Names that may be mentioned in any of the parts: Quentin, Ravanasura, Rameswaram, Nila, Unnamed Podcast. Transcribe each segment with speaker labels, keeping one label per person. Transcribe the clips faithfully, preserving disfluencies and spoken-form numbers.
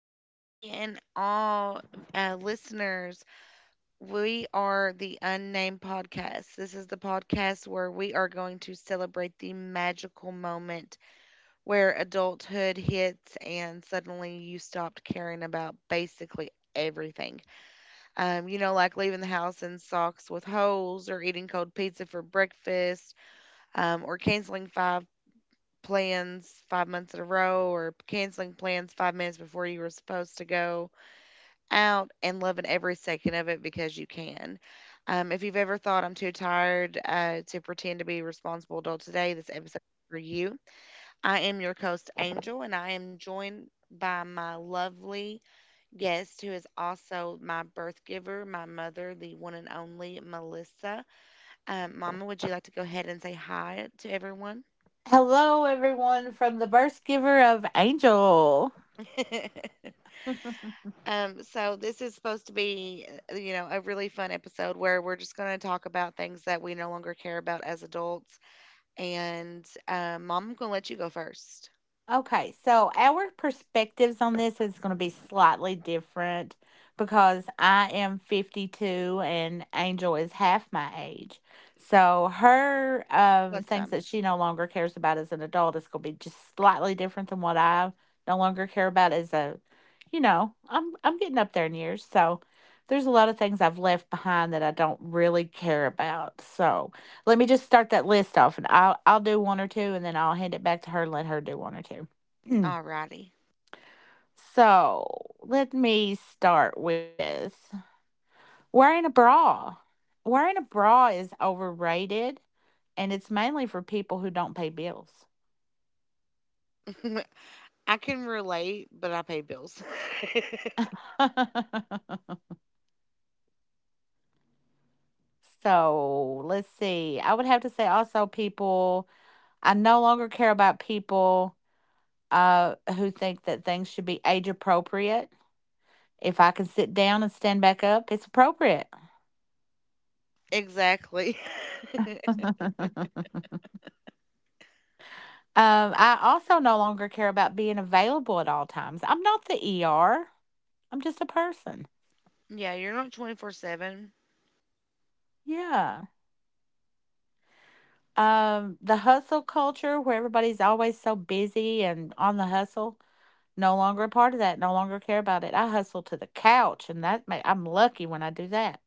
Speaker 1: welcome any and all uh, listeners. We are the Unnamed Podcast. This is the podcast where we are going to celebrate the magical moment where adulthood hits and suddenly you stopped caring about basically everything. Um, you know, like leaving the house in socks with holes, or eating cold pizza for breakfast, um, or canceling five plans five months in a row, or canceling plans five minutes before you were supposed to go out and loving every second of it because you can. Um, if you've ever thought I'm too tired uh, to pretend to be a responsible adult today, this episode is for you. I am your host, Angel, and I am joined by my lovely guest who is also my birth giver, my mother, the one and only Melissa. Um, Mama, would you like to go ahead and say hi to everyone?
Speaker 2: Hello, everyone, from the birth giver of Angel.
Speaker 1: Um, so this is supposed to be, uh, you know, a really fun episode where we're just going to talk about things that we no longer care about as adults. And um, Mom, I'm going to let you go first.
Speaker 2: Okay, so our perspectives on this is going to be slightly different because I am fifty-two and Angel is half my age. So her um,
Speaker 1: What's
Speaker 2: things
Speaker 1: them.
Speaker 2: that she no longer cares about as an adult is going to be just slightly different than what I no longer care about as a, you know, I'm I'm getting up there in years, so there's a lot of things I've left behind that I don't really care about. So let me just start that list off and I'll I'll do one or two and then I'll hand it back to her and let her do one or two. Mm.
Speaker 1: Alrighty.
Speaker 2: So let me start with wearing a bra. Wearing a bra is overrated and it's mainly for people who don't pay bills.
Speaker 1: I can relate, but I pay bills.
Speaker 2: So let's see. I would have to say also people, I no longer care about people uh, who think that things should be age appropriate. If I can sit down and stand back up, it's appropriate.
Speaker 1: Exactly.
Speaker 2: Um, I also no longer care about being available at all times. I'm not the E R. I'm just a person.
Speaker 1: Yeah, you're not twenty four seven.
Speaker 2: Yeah. Um, the hustle culture where everybody's always so busy and on the hustle. No longer a part of that. No longer care about it. I hustle to the couch, and that ma- I'm lucky when I do that.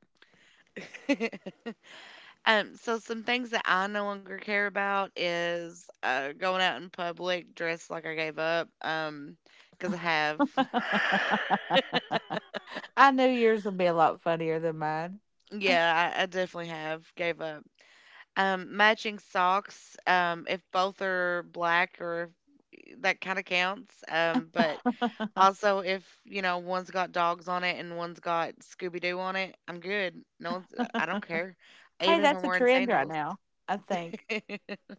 Speaker 1: Um, so some things that I no longer care about is uh, going out in public dressed like I gave up, um, because I have.
Speaker 2: I knew yours would be a lot funnier than mine.
Speaker 1: Yeah, I, I definitely have gave up. Um, matching socks, um, if both are black or if, that kind of counts. Um, but also if you know one's got dogs on it and one's got Scooby Doo on it, I'm good. No one's. I don't care,
Speaker 2: Hey,
Speaker 1: even if I'm
Speaker 2: that's a
Speaker 1: wearing
Speaker 2: trend right
Speaker 1: sandals.
Speaker 2: now, I think.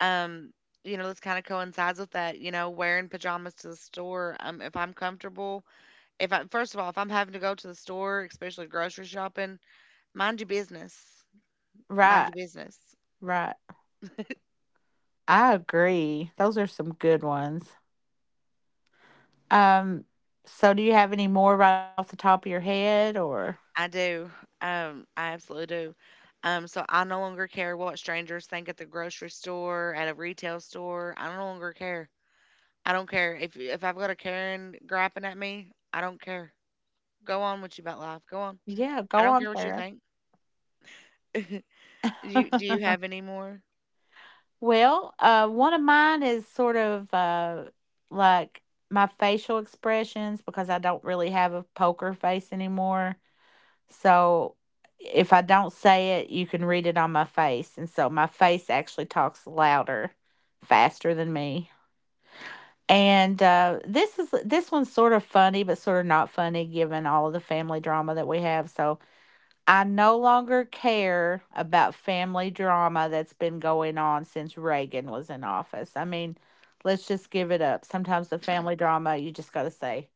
Speaker 1: Um, you know, this kind of coincides with that, you know, wearing pajamas to the store. Um, if I'm comfortable, if I, first of all, if I'm having to go to the store, especially grocery shopping, mind your business. Mind
Speaker 2: Right.
Speaker 1: your business.
Speaker 2: Right. I agree. Those are some good ones. Um, so do you have any more right off the top of your head, or
Speaker 1: I do. Um, I absolutely do. Um, so I no longer care what strangers think at the grocery store, at a retail store. I no longer care. I don't care if if I've got a Karen griping at me. I don't care. Go on with you about life. Go on.
Speaker 2: yeah,
Speaker 1: I
Speaker 2: go
Speaker 1: don't
Speaker 2: on,
Speaker 1: care what you
Speaker 2: Sarah.
Speaker 1: think. Do you, do you have any more?
Speaker 2: Well, uh one of mine is sort of uh like my facial expressions because I don't really have a poker face anymore. So if I don't say it, you can read it on my face. And so my face actually talks louder, faster than me. And uh, this is this one's sort of funny, but sort of not funny given all of the family drama that we have. So I no longer care about family drama that's been going on since Reagan was in office. I mean, let's just give it up. Sometimes the family drama, you just got to say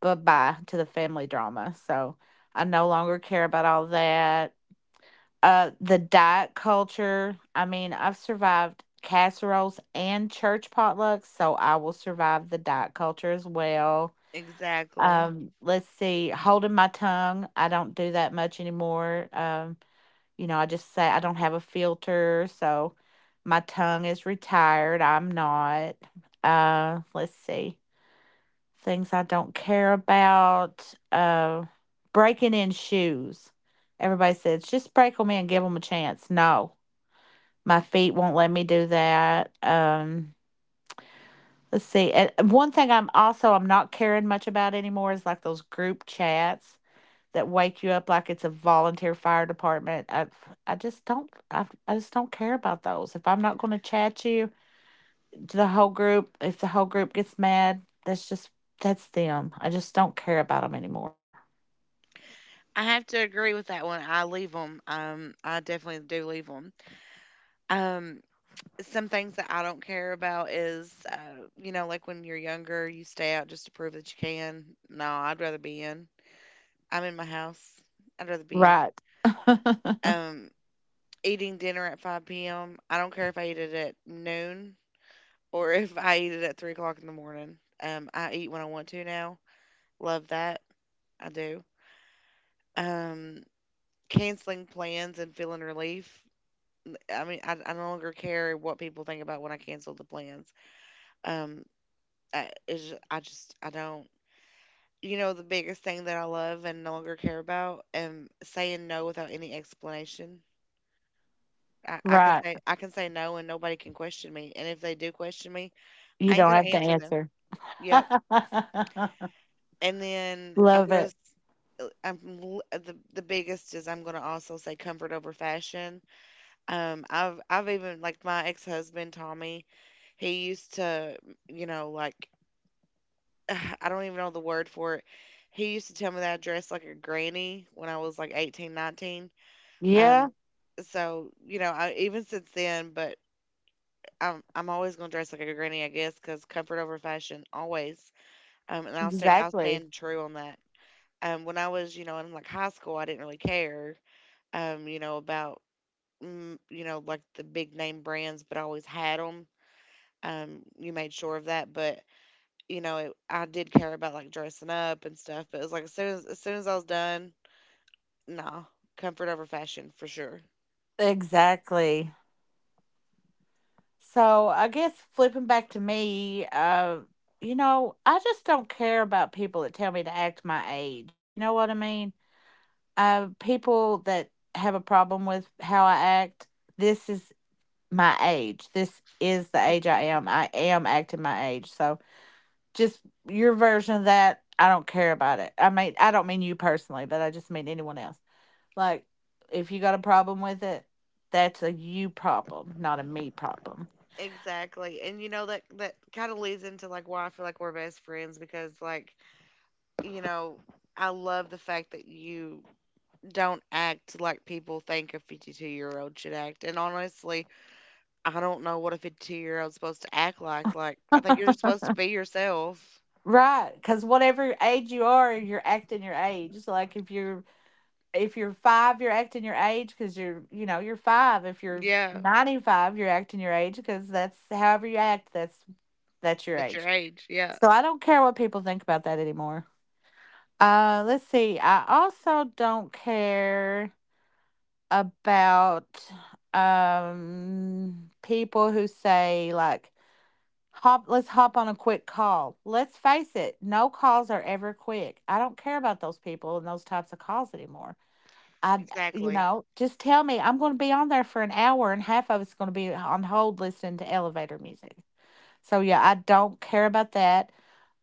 Speaker 2: bye bye to the family drama. So I no longer care about all that. Uh, the diet culture, I mean, I've survived casseroles and church potlucks, so I will survive the diet culture as well.
Speaker 1: Exactly.
Speaker 2: Um, let's see, holding my tongue, I don't do that much anymore. Um, you know, I just say I don't have a filter, so my tongue is retired. I'm not. Uh, let's see. Things I don't care about. Uh, breaking in shoes. Everybody says just break them in, give them a chance. No, my feet won't let me do that. Um, let's see. And one thing I'm also I'm not caring much about anymore is like those group chats that wake you up like it's a volunteer fire department. I I just don't I, I just don't care about those. If I'm not going to chat you to the whole group, if the whole group gets mad, that's just that's them. I just don't care about them anymore.
Speaker 1: I have to agree with that one. I leave them. Um, I definitely do leave them. Um, some things that I don't care about is, uh, you know, like when you're younger, you stay out just to prove that you can. No, I'd rather be in. I'm in my house. I'd rather be in.
Speaker 2: Right.
Speaker 1: Um, eating dinner at five p m. I don't care if I eat it at noon or if I eat it at three o'clock in the morning. Um, I eat when I want to now. Love that. I do. Um, canceling plans and feeling relief. I mean, I, I no longer care what people think about when I cancel the plans. Um, I, it's just, I just, I don't. You know, the biggest thing that I love and no longer care about, and saying no without any explanation. I, I can
Speaker 2: Right.
Speaker 1: say, I can say no, and nobody can question me. And if they do question me,
Speaker 2: You
Speaker 1: I ain't
Speaker 2: don't
Speaker 1: gonna
Speaker 2: have to
Speaker 1: answer them.
Speaker 2: answer.
Speaker 1: Yep. And then I'm
Speaker 2: Love
Speaker 1: gonna,
Speaker 2: it.
Speaker 1: s- uh, I'm l- uh, the the biggest is I'm gonna also say comfort over fashion. Um, I've I've even like my ex husband Tommy. He used to, you know, like I don't even know the word for it. He used to tell me that I dressed like a granny when I was like eighteen, nineteen.
Speaker 2: Yeah,
Speaker 1: Um, so, you know, I, even since then, but I'm, I'm always going to dress like a granny, I guess, because comfort over fashion, always. Um, and I'll stay, I'll
Speaker 2: exactly.
Speaker 1: stand true on that. Um, when I was, you know, in like high school, I didn't really care, um, you know, about, mm, you know, like the big name brands, but I always had them. Um, you made sure of that. But you know, it, I did care about like dressing up and stuff, but it was like as soon as as soon as I was done, nah, comfort over fashion for sure.
Speaker 2: Exactly. So I guess flipping back to me, uh, you know, I just don't care about people that tell me to act my age. You know what I mean? Uh, people that have a problem with how I act, this is my age. This is the age I am. I am acting my age. So just your version of that, I don't care about it. I mean, I don't mean you personally, but I just mean anyone else. Like, if you got a problem with it, that's a you problem, not a me problem.
Speaker 1: Exactly. And you know that that kind of leads into like why I feel like we're best friends because like, you know, I love the fact that you don't act like people think a fifty-two-year-old should act. And honestly, I don't know what a fifty-two-year-old's supposed to act like. Like, I think you're supposed to be yourself.
Speaker 2: Right, because whatever age you are, you're acting your age. So, like if you're if you're five, you're acting your age because you're you know you're five. If you're
Speaker 1: Yeah,
Speaker 2: ninety five, you're acting your age because that's however you act. That's that's your
Speaker 1: at your
Speaker 2: age.
Speaker 1: age. Yeah,
Speaker 2: So I don't care what people think about that anymore. Uh, let's see. I also don't care about um people who say like hop, let's hop on a quick call. Let's face it, no calls are ever quick. I don't care about those people and those types of calls anymore. I, you
Speaker 1: exactly.
Speaker 2: know, just tell me I'm going to be on there for an hour and half of it's going to be on hold listening to elevator music. So, yeah, I don't care about that.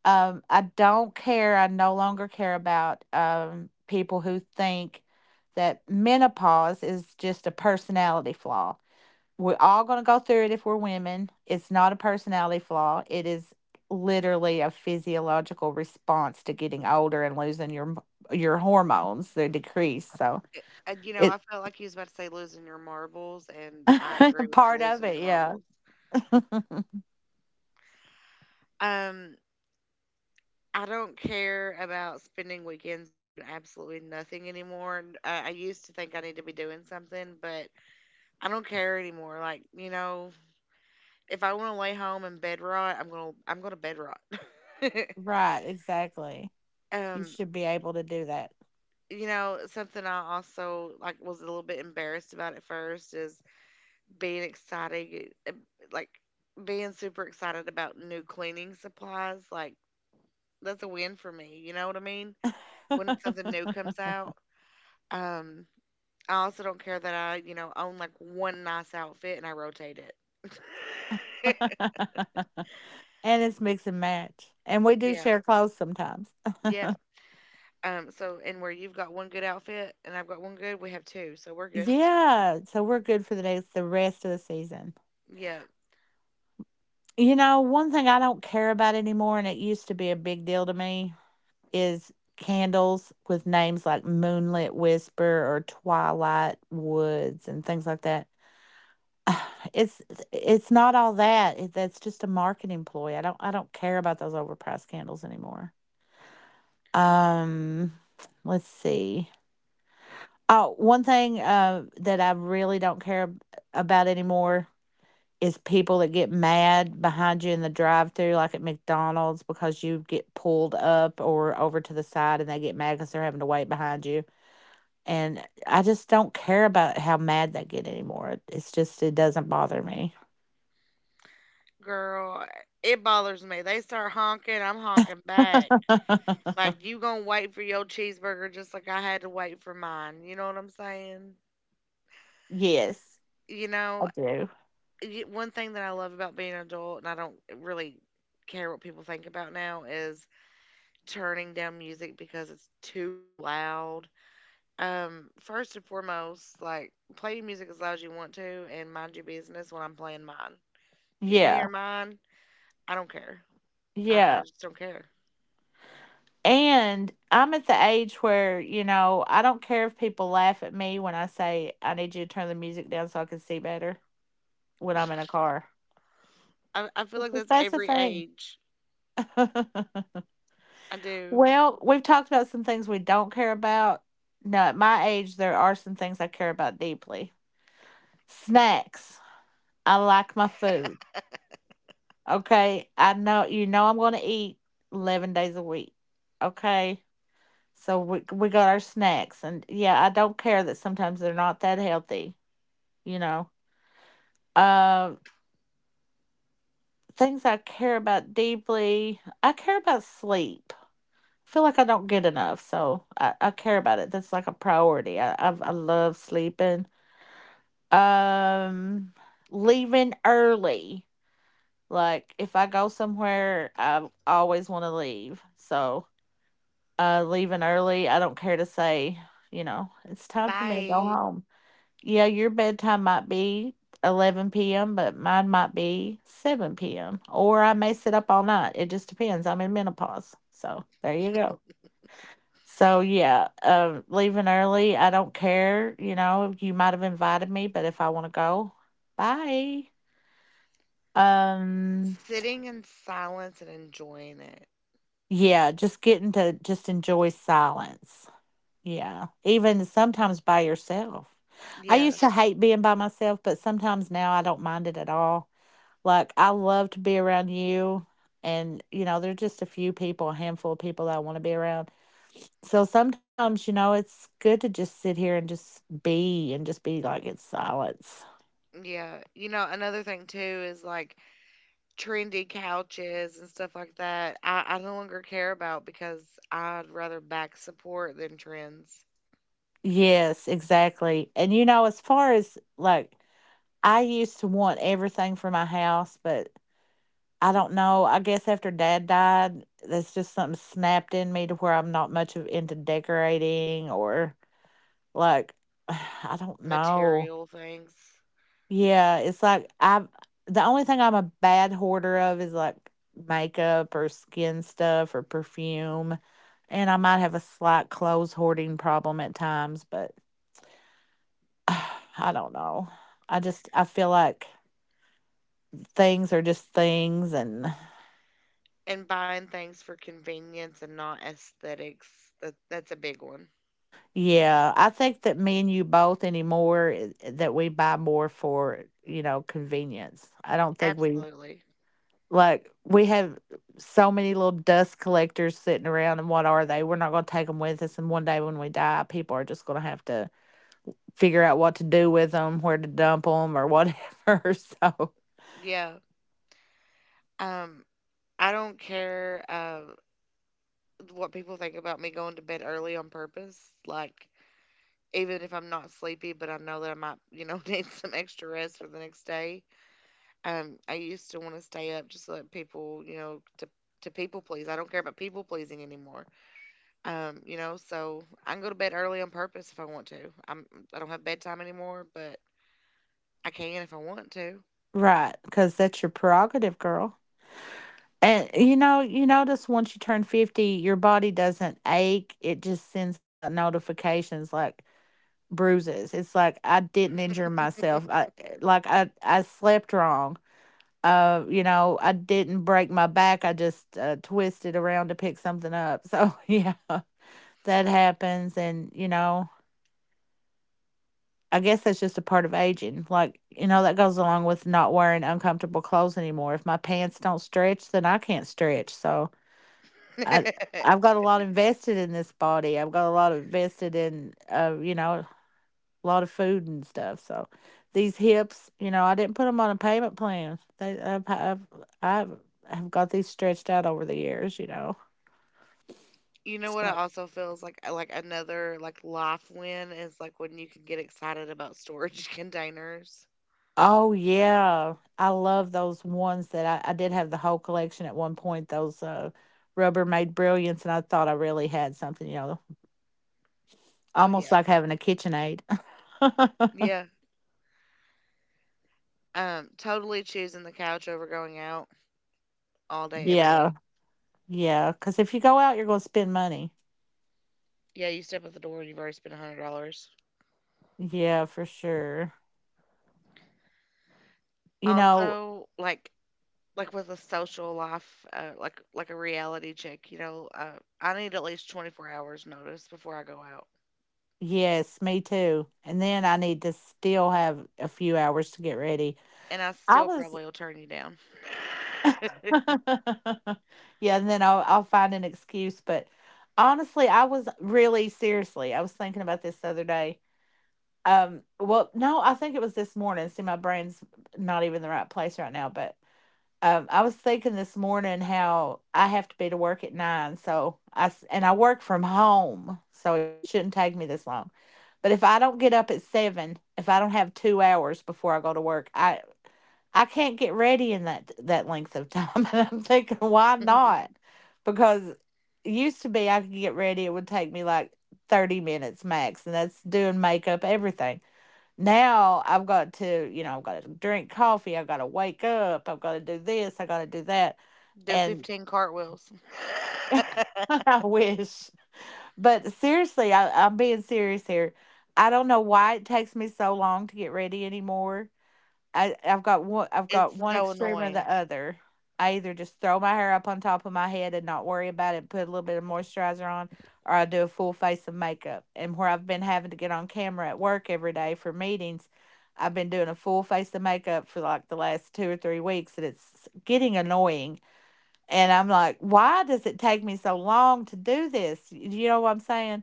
Speaker 2: Um, I don't care. I no longer care about um, people who think that menopause is just a personality flaw. We're all going to go through it if we're women. It's not a personality flaw. It is literally a physiological response to getting older and losing your your hormones. They decrease. So
Speaker 1: and, you know,
Speaker 2: it
Speaker 1: I felt like he was about to say losing your marbles, and I agree with the
Speaker 2: part of
Speaker 1: losing your
Speaker 2: it, yeah.
Speaker 1: marbles. Um, I don't care about spending weekends doing absolutely nothing anymore. And I I used to think I need to be doing something, but I don't care anymore. Like, you know, if I want to lay home and bed rot, I'm gonna I'm gonna bed rot.
Speaker 2: Right, exactly. You
Speaker 1: um,
Speaker 2: should be able to do that.
Speaker 1: you know, something I also like was a little bit embarrassed about at first is being excited, uh, like being super excited about new cleaning supplies, like that's a win for me. You know what I mean? When something new comes out, um, I also don't care that I, you know, own like one nice outfit and I rotate it.
Speaker 2: And it's mix and match. And we do
Speaker 1: Yeah,
Speaker 2: share clothes sometimes.
Speaker 1: yeah. Um, so and where you've got one good outfit and I've got one good, we have two, so we're good.
Speaker 2: Yeah, so we're good for the next the rest of the season.
Speaker 1: Yeah,
Speaker 2: You know, one thing I don't care about anymore, and it used to be a big deal to me, is candles with names like Moonlit Whisper or Twilight Woods and things like that. It's it's not all that. It, that's just a marketing ploy. I don't I don't care about those overpriced candles anymore. Um, let's see. Oh, one thing uh that I really don't care ab- about anymore is people that get mad behind you in the drive through like at McDonald's because you get pulled up or over to the side and they get mad because they're having to wait behind you. And I just don't care about how mad they get anymore. It's just it doesn't bother me.
Speaker 1: girl, it bothers me. They start honking, I'm honking back. Like you gonna wait for your cheeseburger just like I had to wait for mine. You know what I'm saying?
Speaker 2: Yes,
Speaker 1: You
Speaker 2: I
Speaker 1: know,
Speaker 2: do.
Speaker 1: y- one thing that I love about being an adult, and I don't really care what people think about now, is turning down music because it's too loud. Um, first and foremost, like play your music as loud as you want to, and mind your business when I'm playing mine. If you can hear
Speaker 2: Yeah.
Speaker 1: mine, I don't care. I, I
Speaker 2: Yeah.
Speaker 1: just don't care.
Speaker 2: And I'm at the age where, you know, I don't care if people laugh at me when I say I need you to turn the music down so I can see better when I'm in a car.
Speaker 1: I, I feel
Speaker 2: That's
Speaker 1: like
Speaker 2: the
Speaker 1: that's
Speaker 2: that's the
Speaker 1: every
Speaker 2: thing.
Speaker 1: age. I do.
Speaker 2: Well, we've talked about some things we don't care about. Now, at my age, there are some things I care about deeply. Snacks. I like my food. Okay. I know, you know, I'm going to eat eleven days a week. Okay. So we, we got our snacks. And yeah, I don't care that sometimes they're not that healthy, you know. Uh, Things I care about deeply. I care about sleep, feel like I don't get enough, so I, I care about it. That's like a priority. I, I I love sleeping. Um, Leaving early. Like if I go somewhere, I always want to leave. So uh, leaving early. I don't care to say, you know, it's time for me to go
Speaker 1: Bye.
Speaker 2: home. Yeah, your bedtime might be eleven p m, but mine might be seven p m, or I may sit up all night. It just depends. I'm in menopause. So there you go. So yeah, uh, leaving early. I don't care. You know, you might have invited me, but if I want to go, bye. Um,
Speaker 1: Sitting in silence and enjoying it.
Speaker 2: yeah, just getting to just enjoy silence. Yeah, even sometimes by yourself. I
Speaker 1: Yeah,
Speaker 2: used to hate being by myself, but sometimes now I don't mind it at all. Like I love to be around you, and you know, there's just a few people, a handful of people that I want to be around, so sometimes, you know, it's good to just sit here and just be and just be like it's silence.
Speaker 1: yeah. You know, another thing too is like trendy couches and stuff like that. I, I no longer care about because I'd rather back support than trends,
Speaker 2: Yes, exactly. And you know, as far as like, I used to want everything for my house, but I don't know. I guess after dad died, that's just something snapped in me to where I'm not much of into decorating or like, I don't know.
Speaker 1: material things,
Speaker 2: Yeah, it's like I've the only thing I'm a bad hoarder of is like makeup or skin stuff or perfume, and I might have a slight clothes hoarding problem at times, but I don't know. I just I feel like things are just things, and
Speaker 1: and buying things for convenience and not aesthetics. That that's a big one.
Speaker 2: yeah, I think that me and you both anymore i- that we buy more for, you know, convenience. I don't think we,
Speaker 1: Absolutely.
Speaker 2: like we have so many little dust collectors sitting around, and what are they? We're not going to take them with us, and one day when we die, people are just going to have to figure out what to do with them, where to dump them, or whatever. So
Speaker 1: Yeah. Um, I don't care uh, what people think about me going to bed early on purpose. Like, even if I'm not sleepy, but I know that I might, you know, need some extra rest for the next day. Um, I used to want to stay up just to let people, you know, to to people please. I don't care about people pleasing anymore. Um, you know, so I can go to bed early on purpose if I want to. I'm I don't have bedtime anymore, but I can if I want to.
Speaker 2: right, because that's your prerogative, girl. And you know, you notice once you turn fifty, your body doesn't ache; it just sends out notifications like bruises. It's like I didn't injure myself. I eh, like I I slept wrong. Uh, you know, I didn't break my back. I just uh, twisted around to pick something up. So, yeah, that happens. And, you know, I guess that's just a part of aging. Like, you know, that goes along with not wearing uncomfortable clothes anymore. If my pants don't stretch, then I can't stretch. So, I I've got a lot invested in this body. I've got a lot invested in uh, you know, a lot of food and stuff. So these hips, you know, I didn't put them on a payment plan. They, I've, I've, I've, I've got these stretched out over the years, you know.
Speaker 1: You know what I
Speaker 2: So-
Speaker 1: also feel is like like another like life win is like when you can get excited about storage containers.
Speaker 2: Oh yeah, I love those ones that I, I did have the whole collection at one point. Those uh, Rubbermaid Brilliants, and I thought I really had something, you know,
Speaker 1: Oh
Speaker 2: almost like having a KitchenAid.
Speaker 1: yeah. Um, totally choosing the couch over going out all day, every
Speaker 2: Yeah,
Speaker 1: day.
Speaker 2: yeah, because if you go out, you're going to spend money.
Speaker 1: Yeah, you step at the door and you've already spent a hundred dollars.
Speaker 2: Yeah, for sure. You know,
Speaker 1: Also, like like with a social life, uh, like like a reality check, you know, uh, I need at least twenty four hours notice before I go out,
Speaker 2: yes, me too. And then I need to still have a few hours to get ready.
Speaker 1: and I
Speaker 2: I
Speaker 1: still
Speaker 2: was,
Speaker 1: probably will turn you down.
Speaker 2: yeah, and then I'll, I'll find an excuse. But honestly, I was really seriously, I was thinking about this the other day. Um, well, no, I think it was this morning. See, my brain's not even in the right place right now, but um, I was thinking this morning how I have to be to work at nine, so I s- and I work from home, so it shouldn't take me this long. But if I don't get up at seven, if I don't have two hours before I go to work, I I can't get ready in that that length of time. And I'm thinking, why not? Because it used to be I could get ready; it would take me like thirty minutes max, and that's doing makeup, everything. Now I've got to, you know, I've got to drink coffee, I've got to wake up, I've got to do this, I've got to do that.
Speaker 1: Do
Speaker 2: And
Speaker 1: fifteen cartwheels.
Speaker 2: I wish. But seriously, I, I'm being serious here. I don't know why it takes me so long to get ready anymore. I I've got one I've got
Speaker 1: It's
Speaker 2: one
Speaker 1: so
Speaker 2: extreme or
Speaker 1: annoying.
Speaker 2: the other. I either just throw my hair up on top of my head and not worry about it, put a little bit of moisturizer on, or I do a full face of makeup. And where I've been having to get on camera at work every day for meetings, I've been doing a full face of makeup for like the last two or three weeks, and it's getting annoying. And I'm like, why does it take me so long to do this? You know what I'm saying?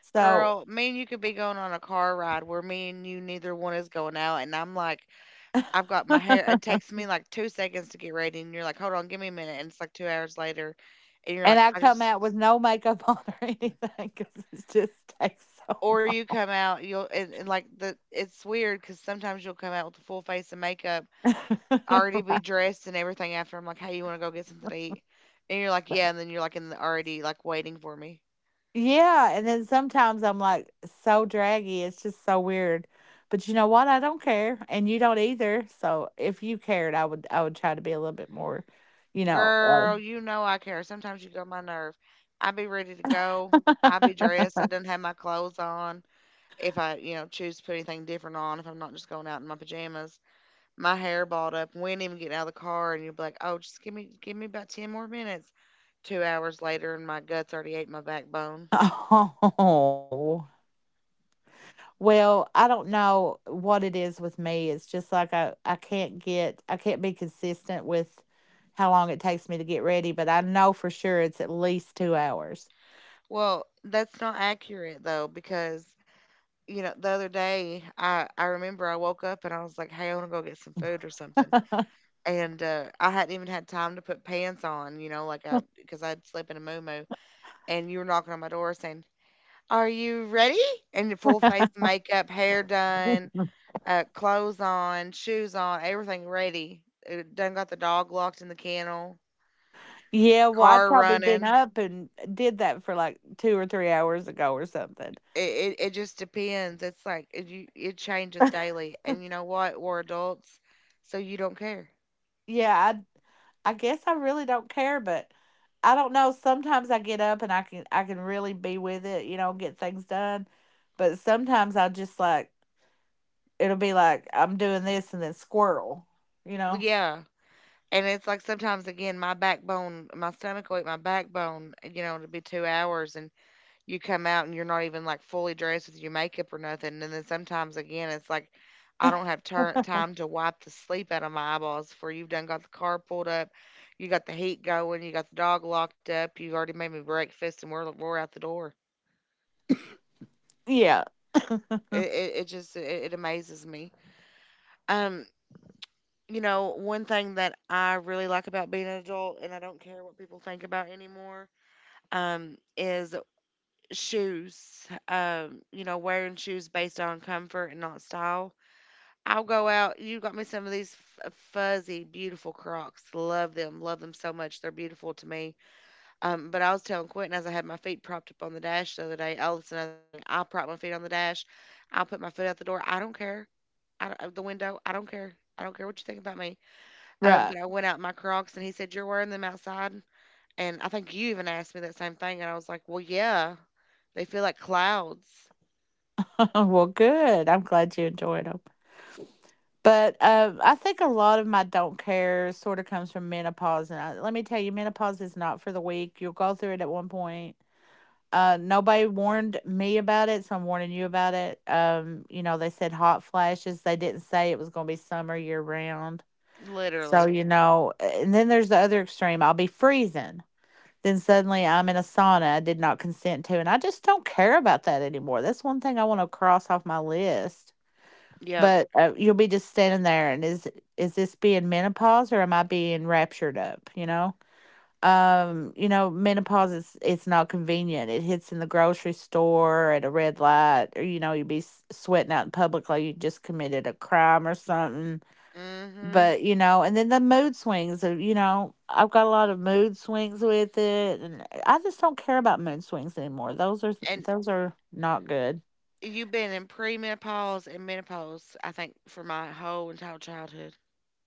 Speaker 2: So,
Speaker 1: Girl, me and you could be going on a car ride where me and you neither one is going out, and I'm like, I've got my hair it takes me like two seconds to get ready, and you're like, "Hold on, give me a minute," and it's like two hours later, and you're
Speaker 2: and
Speaker 1: like,
Speaker 2: I
Speaker 1: "I
Speaker 2: come
Speaker 1: just,"
Speaker 2: out with no makeup on or anything because it just takes so
Speaker 1: or you come out, you'll and, and like the it's weird because sometimes you'll come out with a full face of makeup, already be dressed and everything after. I'm like, "Hey, you wanna go get something to eat?" And you're like, "Yeah," and then you're like in the already like waiting for me.
Speaker 2: Yeah, and then sometimes I'm like so draggy, it's just so weird. But you know what? I don't care, and you don't either. So if you cared, I would I would try to be a little bit more, you know.
Speaker 1: Girl,
Speaker 2: um,
Speaker 1: you know I care. Sometimes you get my nerve. I be ready to go. I be dressed. I done have my clothes on. If I, you know, choose to put anything different on, if I'm not just going out in my pajamas. My hair balled up. We ain't even getting out of the car, and you would be like, "Oh, just give me give me about ten more minutes." Two hours later, and my guts already ate my backbone.
Speaker 2: Oh. Well, I don't know what it is with me. It's just like I I can't get I can't be consistent with how long it takes me to get ready, but I know for sure it's at least two hours.
Speaker 1: Well, that's not accurate though, because you know the other day I I remember I woke up and I was like, "Hey, I want to go get some food or something," and uh, I hadn't even had time to put pants on, you know, like I because I'd sleep in a moo and you were knocking on my door saying. Are you ready? And your full face makeup, hair done, Uh, clothes on, shoes on, everything ready. Uh, Done got the dog locked in the kennel,
Speaker 2: Yeah, well, I'd
Speaker 1: car
Speaker 2: probably been
Speaker 1: running.
Speaker 2: up and did that for like two or three hours ago or something.
Speaker 1: It, it, it just depends. It's like it, you, it changes daily. And you know what? We're adults, so you don't care.
Speaker 2: Yeah, I I guess I really don't care, but I don't know. Sometimes I get up and I can I can really be with it, you know, get things done. But sometimes I just like it'll be like I'm doing this and then squirrel, you know.
Speaker 1: Yeah. And it's like sometimes, again, my backbone, my stomach will eat my backbone, you know, it'll be two hours. And you come out and you're not even like fully dressed with your makeup or nothing. And then sometimes again, it's like I don't have tur time to wipe the sleep out of my eyeballs for you've done got the car pulled up, you got the heat going, you got the dog locked up, you already made me breakfast, and we're we're out the door.
Speaker 2: Yeah,
Speaker 1: It it, it just it, it amazes me. Um, you know, one thing that I really like about being an adult, and I don't care what people think about anymore, um, is shoes. Um, you know, wearing shoes based on comfort and not style. I'll go out. You got me some of these f- fuzzy, beautiful Crocs. Love them. Love them so much. They're beautiful to me. Um, but I was telling Quentin as I had my feet propped up on the dash the other day. Oh, that's another thing. I'll prop my feet on the dash. I'll put my foot out the door. I don't care. I don't, out the window. I don't care. I don't care what you think about me. Um,
Speaker 2: right.
Speaker 1: but I went out in my Crocs and he said, "You're wearing them outside?" And I think you even asked me that same thing. And I was like, "Well, yeah. They feel like clouds."
Speaker 2: Well, good. I'm glad you enjoyed 'em. But uh, I think a lot of my don't care sort of comes from menopause. And I, let me tell you, menopause is not for the weak. You'll go through it at one point. Uh, nobody warned me about it, so I'm warning you about it. Um, you know, they said hot flashes. They didn't say it was going to be summer year round. So,
Speaker 1: Literally.
Speaker 2: you know, and then there's the other extreme. I'll be freezing. Then suddenly I'm in a sauna I did not consent to. And I just don't care about that anymore. That's one thing I want to cross off my list,
Speaker 1: Yep.
Speaker 2: but uh, you'll be just standing there, and is is this being menopause or am I being raptured up? You know, um, you know, menopause is it's not convenient. It hits in the grocery store at a red light, or you know, you'd be s- sweating out in public like you just committed a crime or something.
Speaker 1: Mm hmm.
Speaker 2: But you know, and then the mood swings. Of, you know, I've got a lot of mood swings with it, and I just don't care about mood swings anymore. Those are
Speaker 1: And
Speaker 2: those are not good.
Speaker 1: you've been in premenopause and menopause, I think, for my whole entire childhood.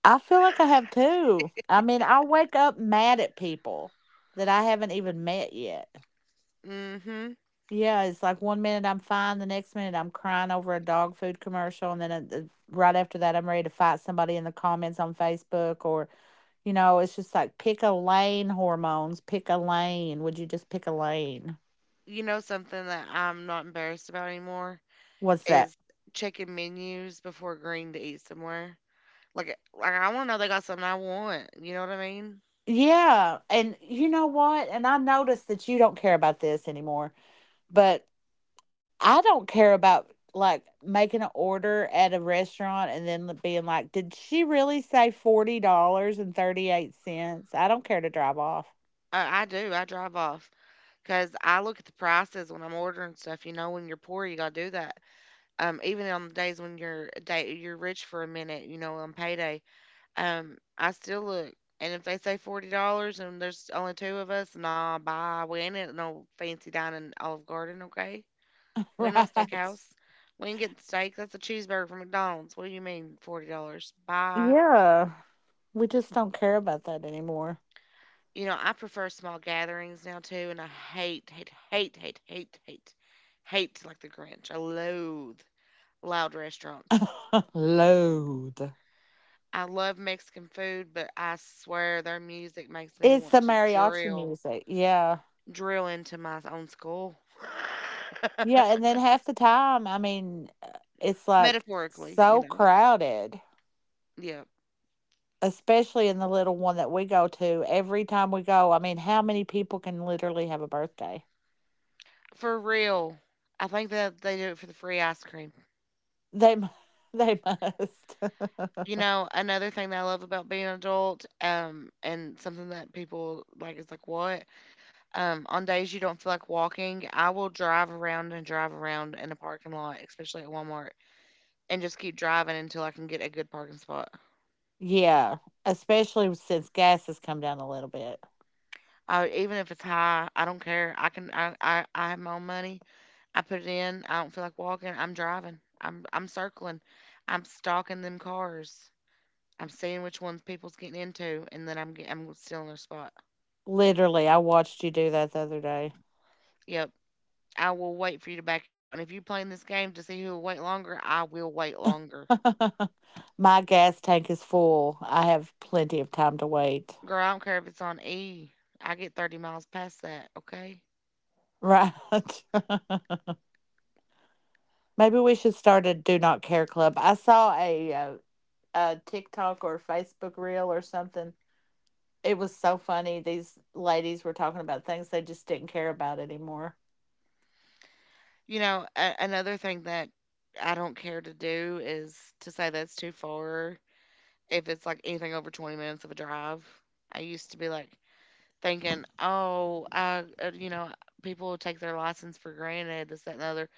Speaker 2: I feel like I have too. I mean, I wake up mad at people that I haven't even met yet.
Speaker 1: Hmm.
Speaker 2: Yeah, it's like one minute I'm fine, the next minute I'm crying over a dog food commercial, and then uh, uh, right after that I'm ready to fight somebody in the comments on Facebook, or you know, it's just like pick a lane hormones. Pick a lane. Would you just pick a lane?
Speaker 1: You know something that I'm not embarrassed about anymore
Speaker 2: What's that?
Speaker 1: is checking menus before agreeing to eat somewhere. Like, like I want to know they got something I want. You know what I mean?
Speaker 2: Yeah, and you know what? And I noticed that you don't care about this anymore, but I don't care about like making an order at a restaurant and then like, being like, "Did she really say forty dollars and thirty eight cents?" I don't care to drive off.
Speaker 1: I, I do. I drive off because I look at the prices when I'm ordering stuff. You know, when you're poor, you gotta do that. Um, even on the days when you're day you're rich for a minute. You know, on paydays. Um, I still look, and if they say forty dollars and there's only two of us, nah, bye. We ain't at no fancy dining Olive Garden, okay? We ain't no
Speaker 2: Right?
Speaker 1: steakhouse. We ain't getting steak. That's a cheeseburger from McDonald's. What do you mean forty dollars? Bye.
Speaker 2: Yeah, we just don't care about that anymore.
Speaker 1: You know, I prefer small gatherings now too, and I hate, hate, hate, hate, hate, hate, hate like the Grinch. I loathe loud restaurants.
Speaker 2: Loathe.
Speaker 1: I love Mexican food, but I swear their music makes me
Speaker 2: It's the
Speaker 1: want to
Speaker 2: mariachi
Speaker 1: drill.
Speaker 2: music. Yeah,
Speaker 1: Drill into my own skull.
Speaker 2: yeah, and then half the time, I mean, uh, it's like
Speaker 1: Metaphorically, you
Speaker 2: so
Speaker 1: know.
Speaker 2: crowded.
Speaker 1: Yeah.
Speaker 2: Especially in the little one that we go to, every time we go, I mean, how many people can literally have a birthday?
Speaker 1: For real. I think that they do it for the free ice cream.
Speaker 2: They mu they must.
Speaker 1: You know, another thing that I love about being an adult, um, and something that people like is like, what? Um, on days you don't feel like walking, I will drive around and drive around in a parking lot, especially at Walmart, and just keep driving until I can get a good parking spot.
Speaker 2: Yeah, especially since gas has come down a little bit.
Speaker 1: I, even if it's high, I don't care. I can, I, I, I have my own money. I put it in. I don't feel like walking. I'm driving. I'm I'm circling. I'm stalking them cars. I'm seeing which ones people's getting into, and then I'm get, I'm stealing their spot.
Speaker 2: Literally, I watched you do that the other day.
Speaker 1: Yep. I will wait for you to back out. And if you playing this game to see who will wait longer, I will wait longer.
Speaker 2: My gas tank is full. I have plenty of time to wait.
Speaker 1: Girl, I don't care if it's on E. I get thirty miles past that, okay?
Speaker 2: Right. Maybe we should start a do not care club. I saw a, uh, a TikTok or Facebook reel or something. It was so funny. These ladies were talking about things they just didn't care about anymore.
Speaker 1: You know, a- another thing that I don't care to do is to say that's too far if it's like anything over twenty minutes of a drive. I used to be like, thinking, oh, I, uh, you know, people will take their license for granted, this, that, and the other.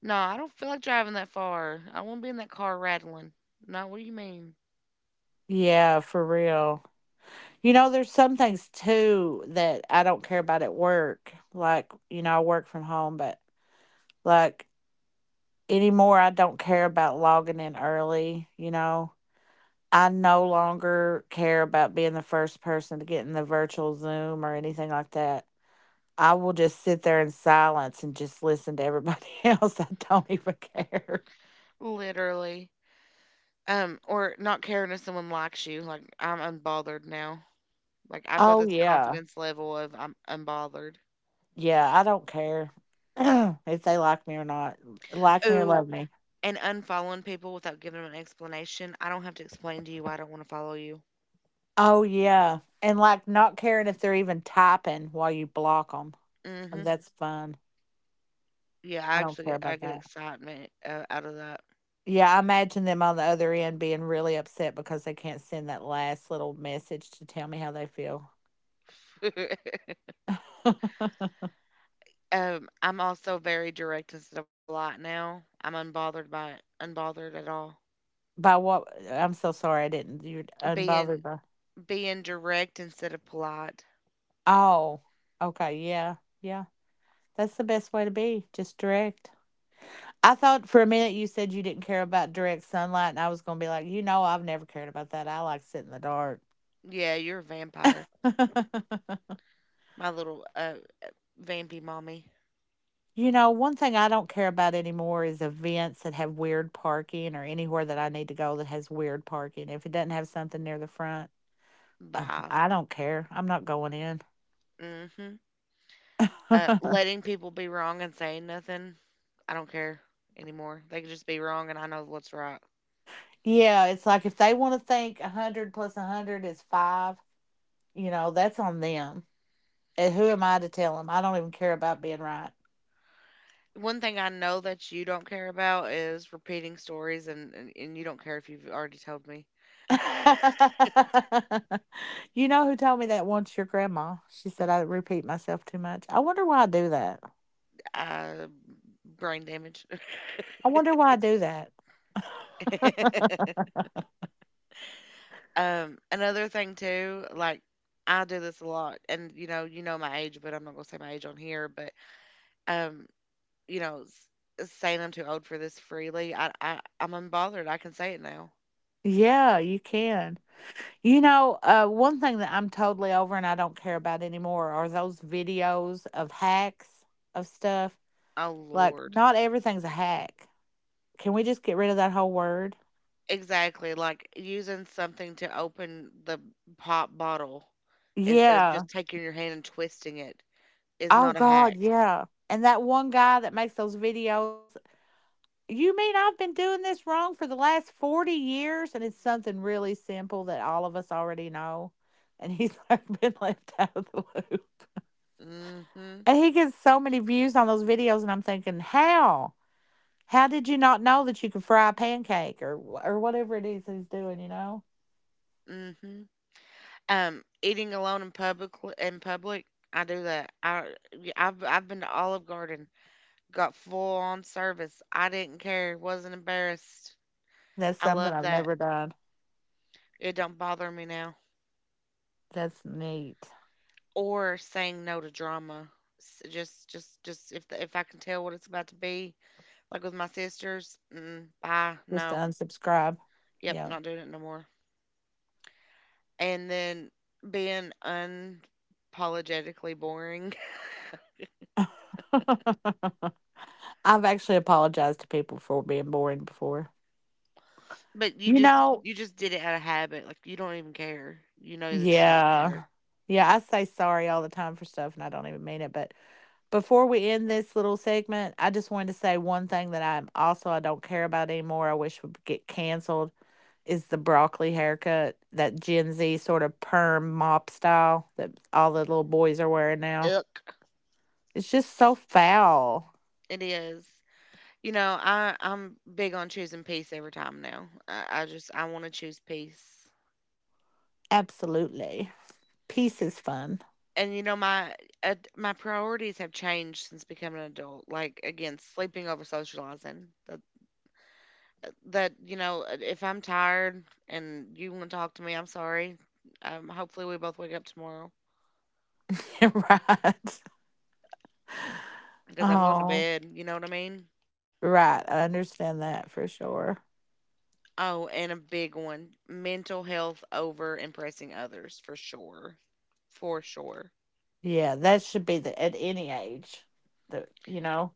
Speaker 1: No, I don't feel like driving that far. I don't want to be in that car rattling. No, what do you mean?
Speaker 2: Yeah, for real. You know, there's some things too that I don't care about at work. Like, you know, I work from home, but like anymore, I don't care about logging in early. You know, I no longer care about being the first person to get in the virtual Zoom or anything like that. I will just sit there in silence and just listen to everybody else. I don't even care.
Speaker 1: Literally. Um, or not caring if someone likes you. Like, I'm unbothered now. Like, I've got
Speaker 2: Oh,
Speaker 1: this
Speaker 2: yeah.
Speaker 1: confidence level of I'm unbothered.
Speaker 2: Yeah, I don't care if they like me or not. Like me or
Speaker 1: Ooh,
Speaker 2: love me.
Speaker 1: and unfollowing people without giving them an explanation. I don't have to explain to you why I don't want to follow you.
Speaker 2: Oh, yeah, and, like, not caring if they're even typing while you block them.
Speaker 1: Hmm.
Speaker 2: That's fun.
Speaker 1: Yeah,
Speaker 2: I
Speaker 1: I
Speaker 2: don't
Speaker 1: actually
Speaker 2: care
Speaker 1: get I
Speaker 2: about
Speaker 1: get
Speaker 2: that.
Speaker 1: excitement uh, out of that.
Speaker 2: Yeah, I imagine them on the other end being really upset because they can't send that last little message to tell me how they feel.
Speaker 1: Um, I'm also very direct instead of polite now. I'm unbothered by it. Unbothered at all.
Speaker 2: By what? I'm so sorry I didn't you're unbothered
Speaker 1: Being
Speaker 2: by?
Speaker 1: Being direct instead of polite.
Speaker 2: Oh, okay, yeah, yeah. That's the best way to be, just direct. I thought for a minute you said you didn't care about direct sunlight, and I was going to be like, you know, I've never cared about that. I like sit in the dark.
Speaker 1: Yeah, you're a vampire. My little uh vampy mommy.
Speaker 2: You know, one thing I don't care about anymore is events that have weird parking or anywhere that I need to go that has weird parking. If it doesn't have something near the front, um,
Speaker 1: Bye.
Speaker 2: I don't care. I'm not going in.
Speaker 1: Mm-hmm. Uh, letting people be wrong and saying nothing. I don't care anymore. They can just be wrong and I know what's right.
Speaker 2: Yeah, it's like if they want to think one hundred plus one hundred is five, you know, that's on them. And who am I to tell them? I don't even care about being
Speaker 1: One thing I know that you don't care about is repeating stories, and, and, and you don't care if you've already told me.
Speaker 2: right. You know who told me that once? Your grandma. She said I repeat myself too much. I wonder why I do that.
Speaker 1: Uh, brain damage.
Speaker 2: I wonder why I do that.
Speaker 1: Um, another thing too, like, I do this a lot, and you know, you know my age, but I'm not gonna say my age on here. But um, you know, s- saying I'm too old for this freely, I, I I'm unbothered. I can say it now.
Speaker 2: Yeah, you can. You know, uh, one thing that I'm totally over and I don't care about anymore are those videos of hacks of stuff.
Speaker 1: Oh
Speaker 2: Like,
Speaker 1: Lord,
Speaker 2: not everything's a hack. Can we just get rid of that whole word?
Speaker 1: exactly. Like using something to open the pop bottle instead of
Speaker 2: Yeah.
Speaker 1: just taking your hand and twisting it is
Speaker 2: Oh,
Speaker 1: not a hack.
Speaker 2: God, yeah. And that one guy that makes those videos. You mean I've been doing this wrong for the last forty years and it's something really simple that all of us already know? And he's like been left out of the loop.
Speaker 1: Mm hmm
Speaker 2: And he gets so many views on those videos and I'm thinking, how? How did you not know that you could fry a pancake or wh- or whatever it is he's doing, you know?
Speaker 1: mm hmm Um, eating alone in public in public, I do that. I, yeah, I've I've been to Olive Garden, got full on service. I didn't care, wasn't embarrassed.
Speaker 2: That's
Speaker 1: I
Speaker 2: something
Speaker 1: love
Speaker 2: I've
Speaker 1: that.
Speaker 2: never done.
Speaker 1: It don't bother me now.
Speaker 2: That's neat.
Speaker 1: Or saying no to drama. S- Just just just if the, if I can tell what it's about to be, like with my sisters, mm, bye,
Speaker 2: Just to
Speaker 1: no,
Speaker 2: unsubscribe.
Speaker 1: yep,
Speaker 2: Yeah.
Speaker 1: not doing it no more. And then being unapologetically boring.
Speaker 2: I've actually apologized to people for being boring before.
Speaker 1: But you
Speaker 2: You
Speaker 1: just,
Speaker 2: know,
Speaker 1: you just did it out of habit. Like you don't even care. You know that you don't
Speaker 2: yeah.
Speaker 1: care.
Speaker 2: Yeah, I say sorry all the time for stuff and I don't even mean it, but before we end this little segment, I just wanted to say one thing that I'm also I don't care about anymore, I wish would get canceled, is the broccoli haircut, that Gen Z sort of perm mop style that all the little boys are wearing now.
Speaker 1: Ick.
Speaker 2: It's just so foul.
Speaker 1: It is. You know, I I'm big on choosing peace every time now. I, I just I want to choose peace.
Speaker 2: Absolutely. Peace is fun.
Speaker 1: And you know my uh, my priorities have changed since becoming an adult. Like again, sleeping over socializing. That that you know, uh, if I'm tired and you want to talk to me, I'm sorry. Um, hopefully we both wake up tomorrow
Speaker 2: Right.
Speaker 1: because I'm going to
Speaker 2: Oh,
Speaker 1: bed. You know what I mean?
Speaker 2: right. I understand that for sure.
Speaker 1: Oh, and a big one, mental health over impressing others for sure. For sure.
Speaker 2: Yeah, that should be the at any age. That you know,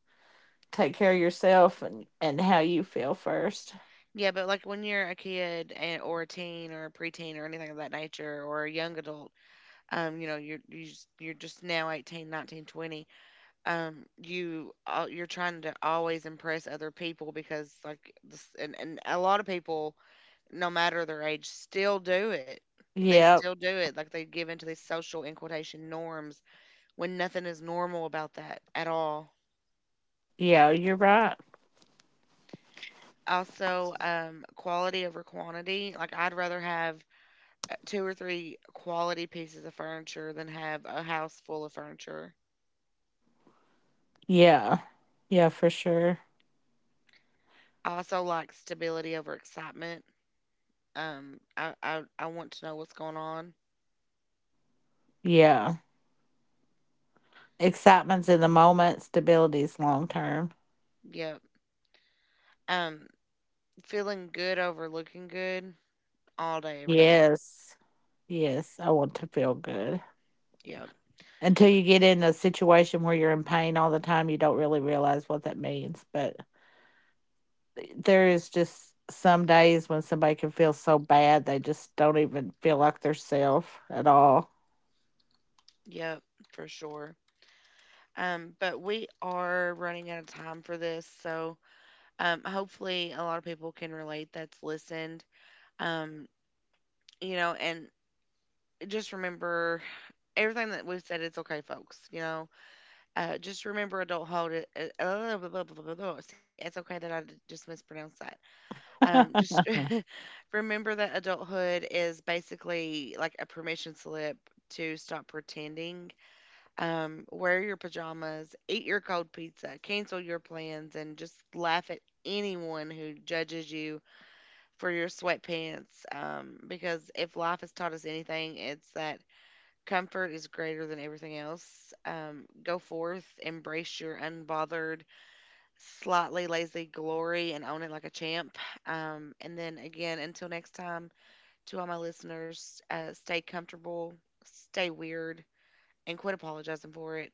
Speaker 2: take care of yourself and and how you feel first.
Speaker 1: Yeah, but like when you're a kid, and, or a teen or a preteen or anything of that nature or a young adult, um, you know, you're you just, you're just now eighteen, nineteen, twenty. Um, you al- you're trying to always impress other people because like this, and and a lot of people, no matter their age, still do it. They
Speaker 2: Yep.
Speaker 1: still do it. Like they give into these social in quotation norms when nothing is normal about that at all.
Speaker 2: Yeah, you're right.
Speaker 1: Also, um, quality over quantity. Like, I'd rather have uh, two or three quality pieces of furniture than have a house full of furniture.
Speaker 2: Yeah. Yeah, for sure.
Speaker 1: I also like stability over excitement. Um, I, I, I want to know what's going on.
Speaker 2: Yeah. Excitement's in the moment, stability's long term.
Speaker 1: Yep. Um, Feeling good over looking good all day, every day.
Speaker 2: Yes. Yes. I want to feel good.
Speaker 1: Yep.
Speaker 2: Until you get in a situation where you're in pain all the time, you don't really realize what that means. But th- there is just some days when somebody can feel so bad they just don't even feel like their self at all.
Speaker 1: Yep, for sure. Um, but we are running out of time for this, so. Um, hopefully, a lot of people can relate that's listened. Um, you know, and just remember everything that we've said. It's okay, folks. You know, uh, just remember adulthood. It- it- Uh, uh, blah, blah, blah, blah, blah, blah. See, it's okay that I d- just mispronounced that. Um, just remember that adulthood is basically like a permission slip to stop pretending. Um, wear your pajamas, eat your cold pizza, cancel your plans, and just laugh at anyone who judges you for your sweatpants um, because if life has taught us anything, it's that comfort is greater than everything else. Um, go forth, embrace your unbothered, slightly lazy glory, and own it like a champ. Um, and then again, until next time, to all my listeners, uh, stay comfortable, stay weird, and quit apologizing for it.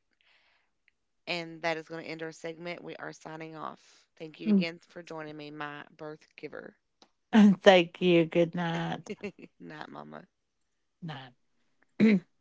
Speaker 1: And that is going to end our segment. We are signing off. Thank you
Speaker 2: Mm.
Speaker 1: again for joining me, my birth giver,
Speaker 2: Thank you. Good night.
Speaker 1: not mama.
Speaker 2: Night.